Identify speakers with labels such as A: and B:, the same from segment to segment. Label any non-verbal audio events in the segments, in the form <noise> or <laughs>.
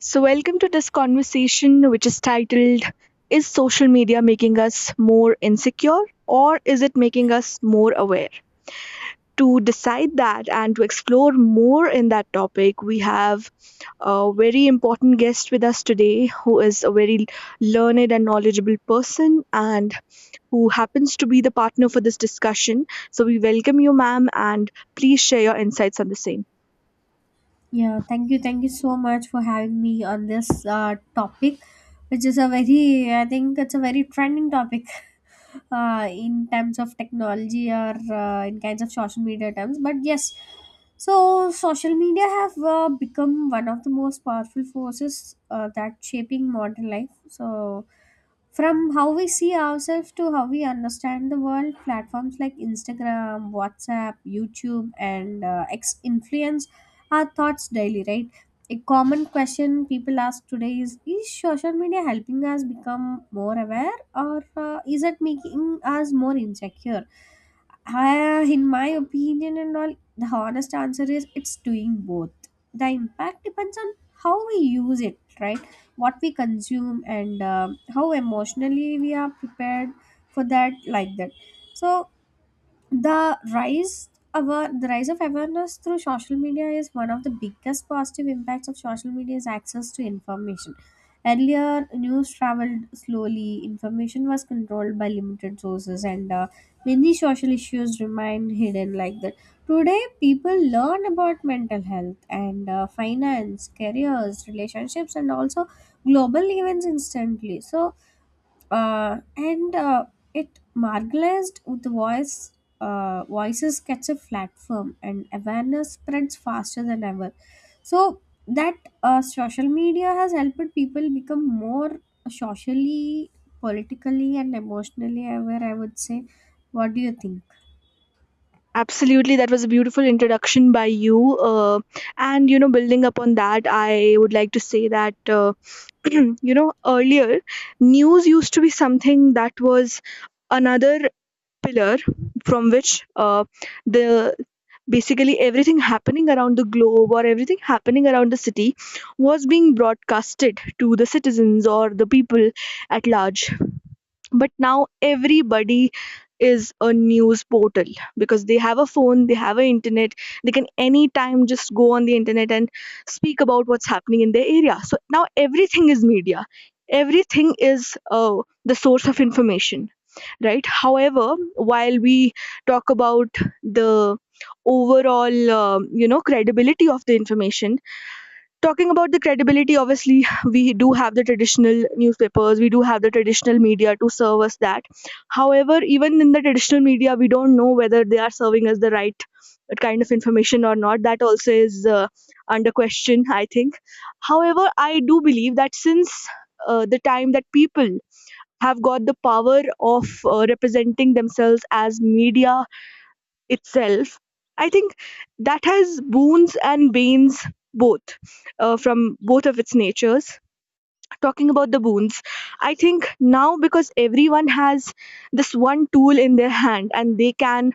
A: So, welcome to this conversation, which is titled Is Social Media Making Us More Insecure or Is It Making Us More Aware? To decide that and to explore more in that topic, we have a very important guest with us today who is a very learned and knowledgeable person and who happens to be the partner for this discussion. So we welcome you, ma'am, and please share your insights on the same.
B: Yeah, thank you. Thank you so much for having me on this topic, which is I think it's a very trending topic <laughs> in terms of technology or in kinds of social media terms. But yes, so social media have become one of the most powerful forces that shaping modern life. So from how we see ourselves to how we understand the world, platforms like Instagram, WhatsApp, YouTube and X influence our thoughts daily, right? A common question people ask today is social media helping us become more aware or is it making us more insecure? In my opinion, and all, the honest answer is it's doing both. The impact depends on how we use it, right? What we consume and how emotionally we are prepared for that, like that. So, the rise the rise of awareness through social media is one of the biggest positive impacts of social media's access to information. Earlier news traveled slowly, information was controlled by limited sources, and many social issues remained hidden, like that. Today people learn about mental health and finance, careers, relationships and also global events instantly. So and it marginalized with the voice, voices catch a platform and awareness spreads faster than ever. So that social media has helped people become more socially, politically and emotionally aware, I would say. What do you think?
A: Absolutely, that was a beautiful introduction by you. And building upon that, I would like to say that. <clears throat> Earlier news used to be something that was another pillar from which the basically everything happening around the globe or everything happening around the city was being broadcasted to the citizens or the people at large. But now everybody is a news portal because they have a phone, they have an internet. They can anytime just go on the internet and speak about what's happening in their area. So now everything is media, everything is the source of information, right? However, while we talk about the overall credibility of the information. Talking about the credibility, obviously we do have the traditional newspapers, we do have the traditional media to serve us that. However, even in the traditional media we don't know whether they are serving us the right kind of information or not. That also is under question, I think. However, I do believe that since the time that people have got the power of representing themselves as media itself, I think that has boons and banes both, from both of its natures. Talking about the boons, I think now because everyone has this one tool in their hand and they can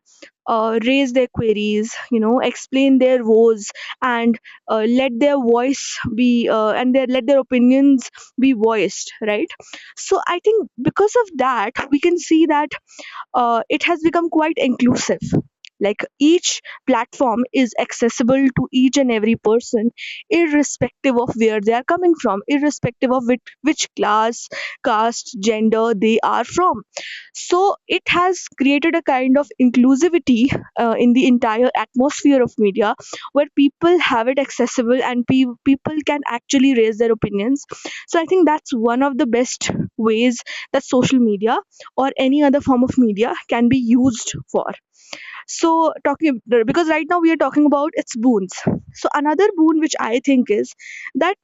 A: raise their queries, explain their woes, and let their voice be and their let their opinions be voiced, right? So I think because of that we can see that it has become quite inclusive. Like each platform is accessible to each and every person, irrespective of where they are coming from, irrespective of which class, caste, gender they are from. So it has created a kind of inclusivity in the entire atmosphere of media where people have it accessible and people can actually raise their opinions. So I think that's one of the best ways that social media or any other form of media can be used for. So talking, because right now we are talking about its boons, so another boon which I think is that,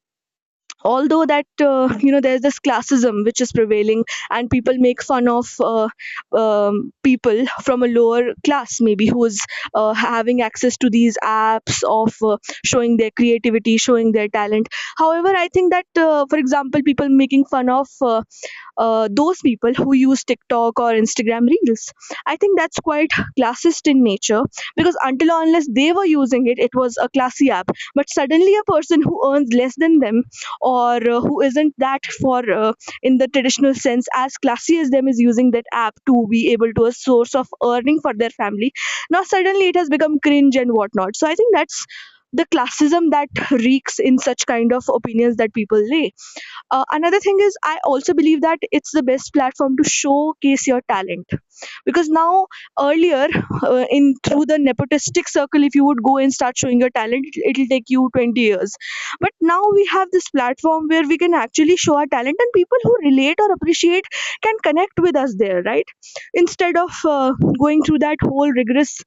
A: although that there's this classism which is prevailing and people make fun of people from a lower class maybe who is having access to these apps of showing their creativity, showing their talent. However, I think that for example, people making fun of those people who use TikTok or Instagram Reels. I think that's quite classist in nature, because until or unless they were using it, it was a classy app. But suddenly, a person who earns less than them or who isn't that for in the traditional sense as classy as them is using that app to be able to a source of earning for their family. Now suddenly it has become cringe and whatnot. So I think that's the classism that reeks in such kind of opinions that people lay. Another thing is, I also believe that it's the best platform to showcase your talent, because now, earlier in through the nepotistic circle, if you would go and start showing your talent, it'll take you 20 years. But now we have this platform where we can actually show our talent, and people who relate or appreciate can connect with us there, right? Instead of going through that whole rigorous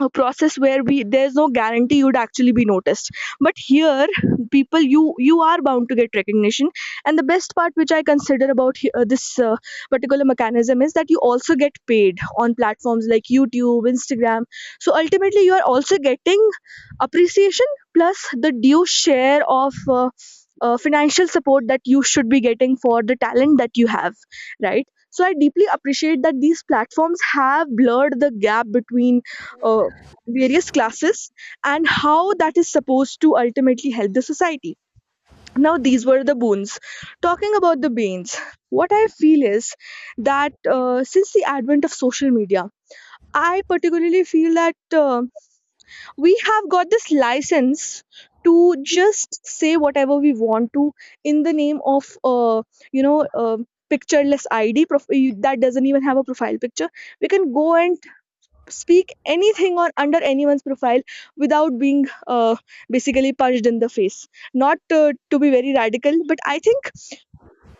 A: a process where we there's no guarantee you'd actually be noticed, but here people, you are bound to get recognition. And the best part which I consider about this particular mechanism is that you also get paid on platforms like YouTube, Instagram. So ultimately you are also getting appreciation plus the due share of financial support that you should be getting for the talent that you have, right? So I deeply appreciate that these platforms have blurred the gap between uh, various classes and how that is supposed to ultimately help the society. Now, these were the boons. Talking about the banes, what I feel is that since the advent of social media, I particularly feel that we have got this license to just say whatever we want to, in the name of, you know, uh, pictureless ID that doesn't even have a profile picture. We can go and speak anything or under anyone's profile without being basically punched in the face, not to be very radical, but I think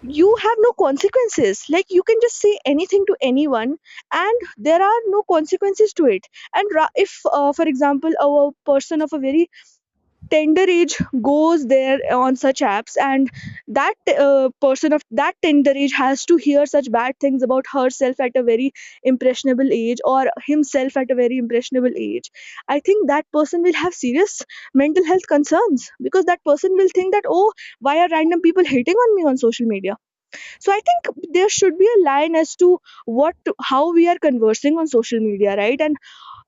A: you have no consequences, like you can just say anything to anyone and there are no consequences to it. And if for example, a person of a very tender age goes there on such apps, and that person of that tender age has to hear such bad things about herself at a very impressionable age or himself at a very impressionable age, I think that person will have serious mental health concerns, because that person will think that, oh, why are random people hating on me on social media? So I think there should be a line as to what, how we are conversing on social media, right? And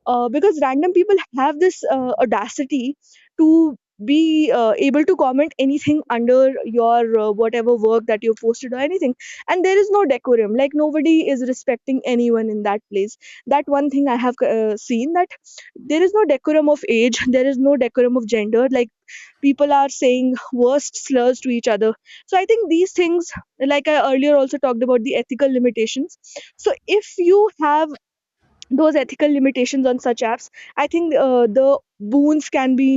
A: because random people have this audacity to be able to comment anything under your whatever work that you've posted or anything, and there is no decorum, like nobody is respecting anyone in that place. That one thing I have seen, that there is no decorum of age, <laughs> there is no decorum of gender, like people are saying worst slurs to each other. So I think these things, like I earlier also talked about the ethical limitations, so if you have those ethical limitations on such apps, I think the boons can be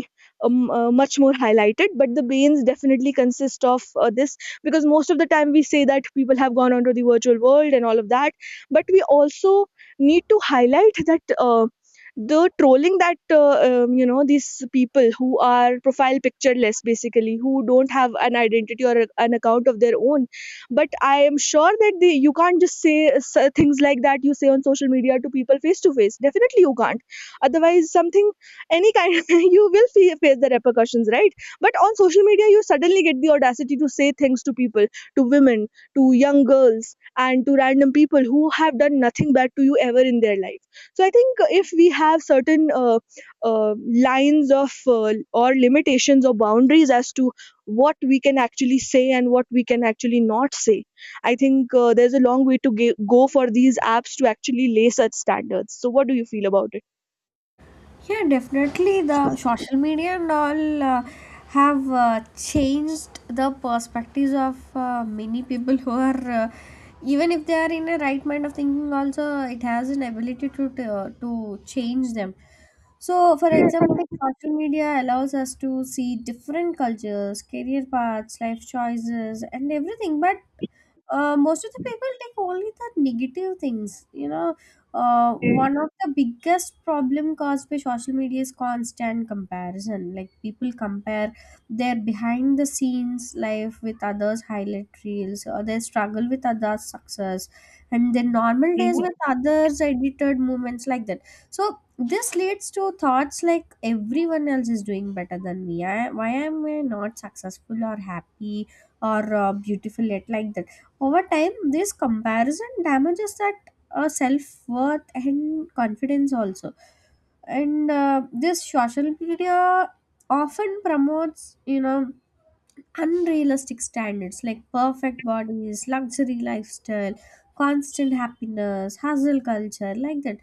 A: much more highlighted, but the banes definitely consist of this. Because most of the time we say that people have gone onto the virtual world and all of that, but we also need to highlight that the trolling that these people who are profile pictureless, basically who don't have an identity or an account of their own, but I am sure that you can't just say things like that you say on social media to people face to face. Definitely you can't, otherwise something, any kind, <laughs> you will face the repercussions, right? But on social media you suddenly get the audacity to say things to people, to women, to young girls, and to random people who have done nothing bad to you ever in their life. So I think if we have certain uh, lines of or limitations or boundaries as to what we can actually say and what we can actually not say. I think there's a long way to go for these apps to actually lay such standards. So, what do you feel about it?
B: Yeah, definitely the social media and all have changed the perspectives of many people who are even if they are in a right mind of thinking also, it has an ability to change them. So for example, if social media allows us to see different cultures, career paths, life choices and everything, but most of the people take only the negative things, you know, one of the biggest problem caused by social media is constant comparison, like people compare their behind the scenes life with others highlight reels, or their struggle with others success, and their normal days
A: Mhm.
B: with others edited moments, like that. So this leads to thoughts like everyone else is doing better than me, why am I not successful or happy or beautiful yet, like that. Over time this comparison damages that a self worth and confidence also. And this social media often promotes, you know, unrealistic standards like perfect bodies, luxury lifestyle, constant happiness, hustle culture, like that.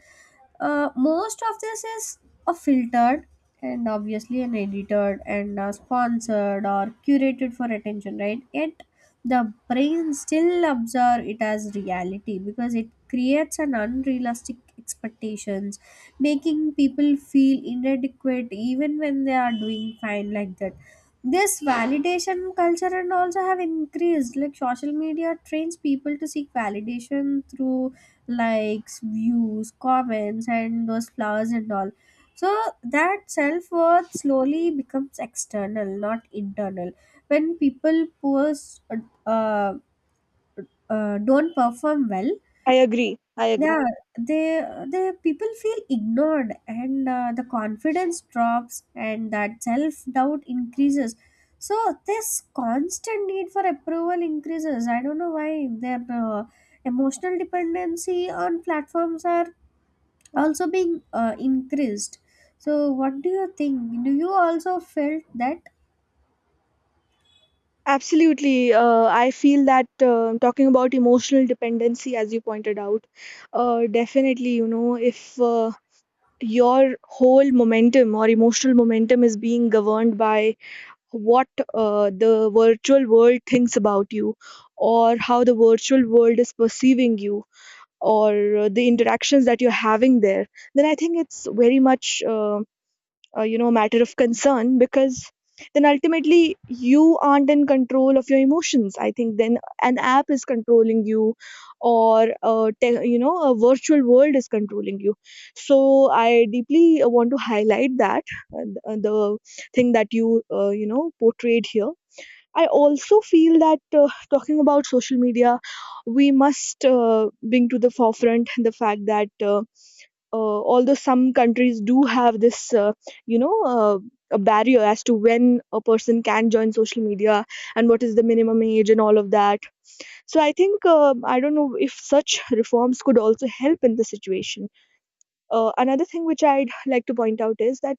B: Most of this is a filtered and obviously an edited and sponsored or curated for attention, right? Yet the brain still observes it as reality, because it creates an unrealistic expectations, making people feel inadequate even when they are doing fine, like that. This validation culture and also have increased, like social media trains people to seek validation through likes, views, comments and those flowers and all. So that self-worth slowly becomes external, not internal. When people post, uh, don't perform well,
A: I agree. I agree.
B: yeah, they they people feel ignored and the confidence drops and that self doubt increases. So this constant need for approval increases, I don't know why their emotional dependency on platforms are also being increased. So what do you think, do you also felt that?
A: Absolutely. I feel that talking about emotional dependency, as you pointed out, definitely, if your whole momentum or emotional momentum is being governed by what the virtual world thinks about you, or how the virtual world is perceiving you, or the interactions that you're having there, then I think it's very much a matter of concern, because then ultimately you aren't in control of your emotions. I think then an app is controlling you, or a virtual world is controlling you. So I deeply want to highlight that the thing that you you know portrayed here. I also feel that talking about social media, we must bring to the forefront the fact that uh, although some countries do have this you know uh, a barrier as to when a person can join social media and what is the minimum age and all of that. So I think I don't know if such reforms could also help in the situation. Another thing which I'd like to point out is that,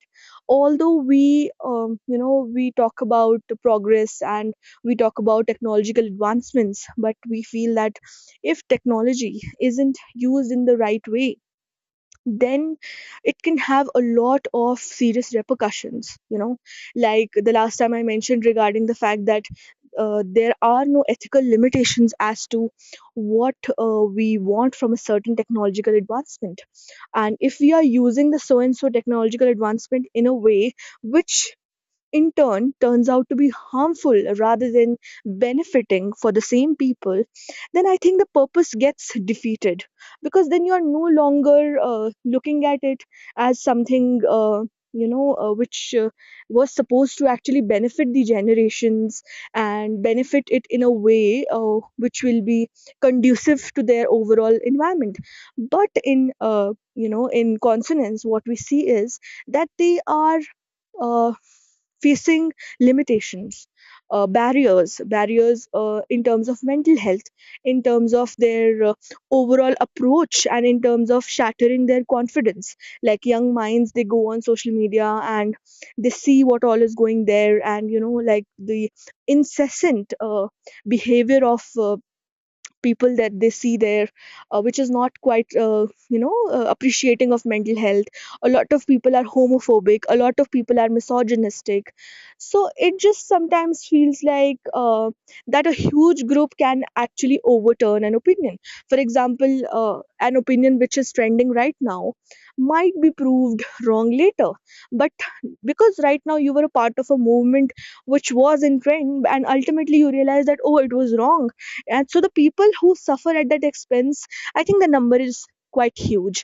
A: although we we talk about the progress and we talk about technological advancements, but we feel that if technology isn't used in the right way, then it can have a lot of serious repercussions, you know, like the last time I mentioned regarding the fact that there are no ethical limitations as to what We want from a certain technological advancement. And if we are using the so and so technological advancement in a way which in turn turns out to be harmful rather than benefiting for the same people, then I think the purpose gets defeated, because then you are no longer looking at it as something, which was supposed to actually benefit the generations and benefit it in a way which will be conducive to their overall environment. But in consonance, what we see is that they are uh, facing limitations, barriers in terms of mental health, in terms of their overall approach, and in terms of shattering their confidence. Like, young minds, they go on social media and they see what all is going there, and you know, like, the incessant behavior of people that they see there, which is not quite appreciating of mental health. A lot of people are homophobic, a lot of people are misogynistic, so it just sometimes feels like that a huge group can actually overturn an opinion. For example, an opinion which is trending right now might be proved wrong later, but because right now you were a part of a movement which was in trend, and ultimately you realize that, oh, it was wrong, and so the people who suffer at that expense, I think the number is quite huge.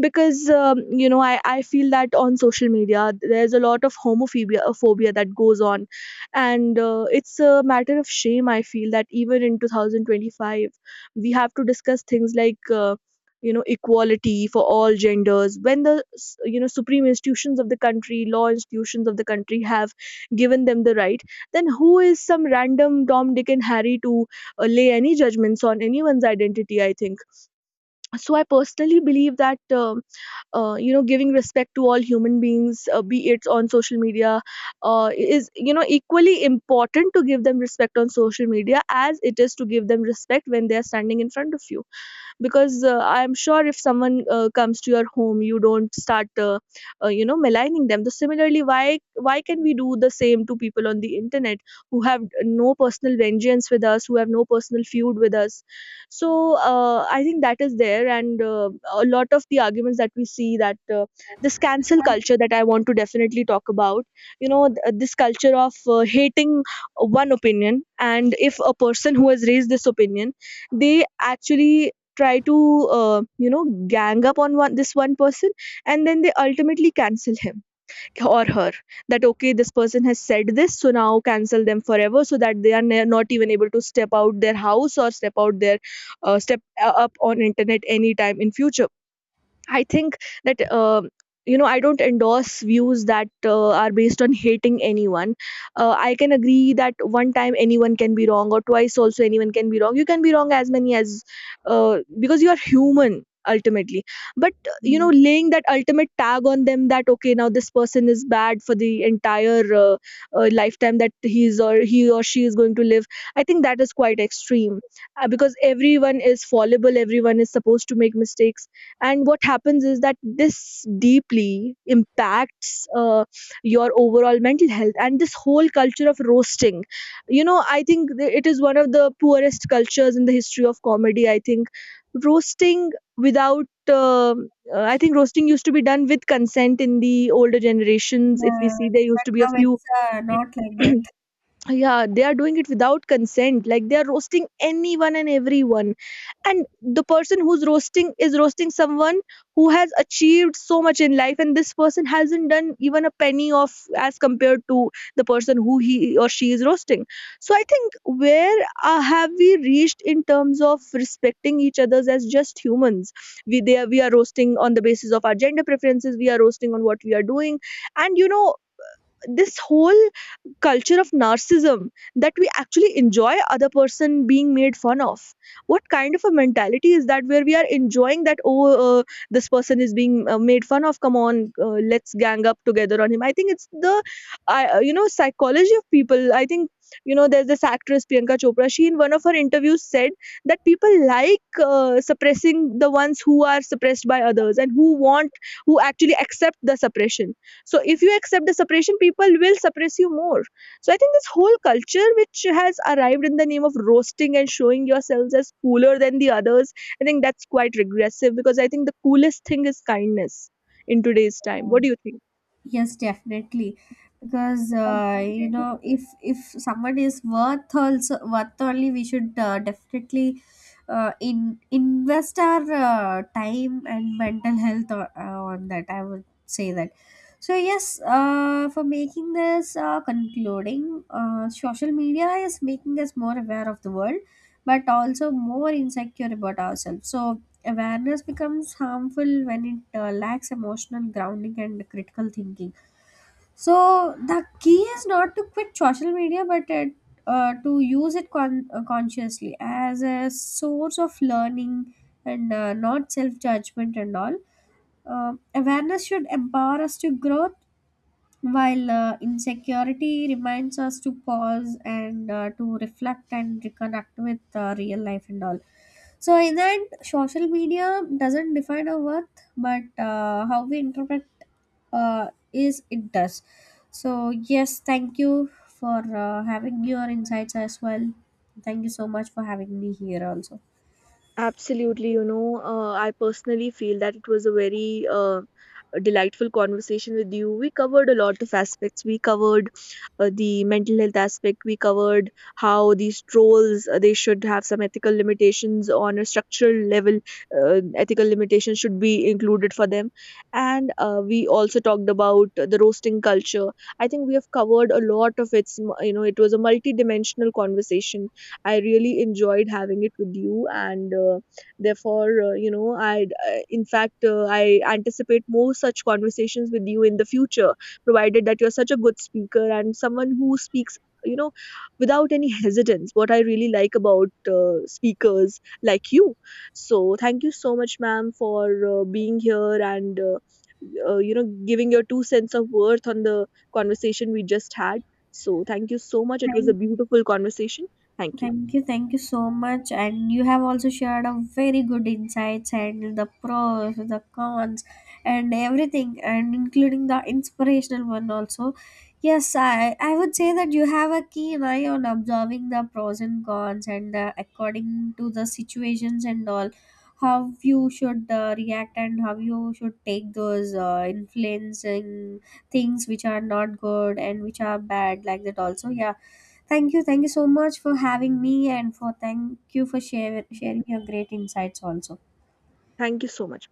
A: Because you know, I feel that on social media there's a lot of homophobia, phobia that goes on. And it's a matter of shame, I feel, that even in 2025 we have to discuss things like, you know, equality for all genders, when the you know, supreme institutions of the country, law institutions of the country have given them the right, then who is some random Tom, Dick and Harry to lay any judgments on anyone's identity, I think. So I personally believe that you know, giving respect to all human beings, be it on social media, uh, is, you know, equally important to give them respect on social media as it is to give them respect when they are standing in front of you. Because I'm sure if someone comes to your home, you don't start you know, maligning them. So similarly, why can we do the same to people on the internet who have no personal vengeance with us, who have no personal feud with us? So I think that is there. And a lot of the arguments that we see, that this cancel culture that I want to definitely talk about, you know, this culture of hating one opinion, and if a person who has raised this opinion, they actually try to you know, gang up on one this one person, and then they ultimately cancel him or her, that okay, this person has said this, so now cancel them forever, so that they are not even able to step out their house or step out their step up on internet anytime in future. I think that you know, I don't endorse views that are based on hating anyone. I can agree that one time anyone can be wrong, or twice also anyone can be wrong. You can be wrong as many as because you are human, ultimately. But you know,
B: Yes.
A: laying that ultimate tag on them that okay, now this person is bad for the entire lifetime that he or she is going to live, I think that is quite extreme. Uh, because everyone is fallible, everyone is supposed to make mistakes. And what happens is that this deeply impacts your overall mental health, and this whole culture of roasting, you know, I think it is one of the poorest cultures in the history of comedy, I think. Roasting without I think roasting used to be done with consent in the older generations, if we
B: Yeah,
A: see, there used to be a
B: now
A: few
B: it's not like that.
A: <clears throat> yeah, they are doing it without consent, like they are roasting anyone and everyone. And the person who's roasting is roasting someone who has achieved so much in life, and this person hasn't done even a penny of as compared to the person who he or she is roasting. So I think, where have we reached in terms of respecting each others as just humans? We are roasting on the basis of our gender preferences, we are roasting on what we are doing. And you know, this whole culture of narcissism, that we actually enjoy other person being made fun of. What kind of a mentality is that where we are enjoying that, oh, uh, this person is being made fun of, come on, let's gang up together on him? I think it's the I you know, psychology of people, I think. You know, there's this actress Priyanka Chopra, she in one of her interviews said that people like suppressing the ones who are suppressed by others and who want, who actually accept the suppression. So if you accept the suppression, people will suppress you more. So I think this whole culture which has arrived in the name of roasting and showing yourselves as cooler than the others, I think that's quite regressive, because I think the coolest thing is kindness in today's time. What do you think?
B: Yes, definitely. Because you know, if someone is worth also worth only, we should definitely in invest our time and mental health on that. I would say that. So yes, for making this concluding, social media is making us more aware of the world, but also more insecure about ourselves. So awareness becomes harmful when it lacks emotional grounding and critical thinking. So the key is not to quit social media but to use it consciously as a source of learning and not self judgment and all. Awareness should empower us to growth, while insecurity reminds us to pause and to reflect and reconnect with real life and all. So in the end, social media doesn't define our worth, but how we interpret uh, is it does. So yes, thank you for having your insights as well. Thank you so much for having me here also.
A: Absolutely, you know, I personally feel that it was a very delightful conversation with you. We covered a lot of aspects. We covered the mental health aspect. We covered how these trolls they should have some ethical limitations on a structural level. Ethical limitations should be included for them, and we also talked about the roasting culture. I think we have covered a lot of its. You know, it was a multi-dimensional conversation. I really enjoyed having it with you, and therefore, you know, I in fact, I anticipate more such conversations with you in the future, provided that you're such a good speaker and someone who speaks, you know, without any hesitance. What I really like about speakers like you. So, thank you so much, ma'am, for being here, and you know, giving your two cents of worth on the conversation we just had. So thank you so much, it was a
B: Thank
A: beautiful conversation. Thank you.
B: Thank you so much. And you have also shared a very good insights, and the pros, the cons, and everything, and including the inspirational one also. Yes, I would say that you have a keen eye on observing the pros and cons, and according to the situations and all, how you should react and how you should take those influencing things which are not good and which are bad, like that also. Yeah, thank you. Thank you so much for having me, and for thank you for share, sharing your great insights also.
A: Thank you so much.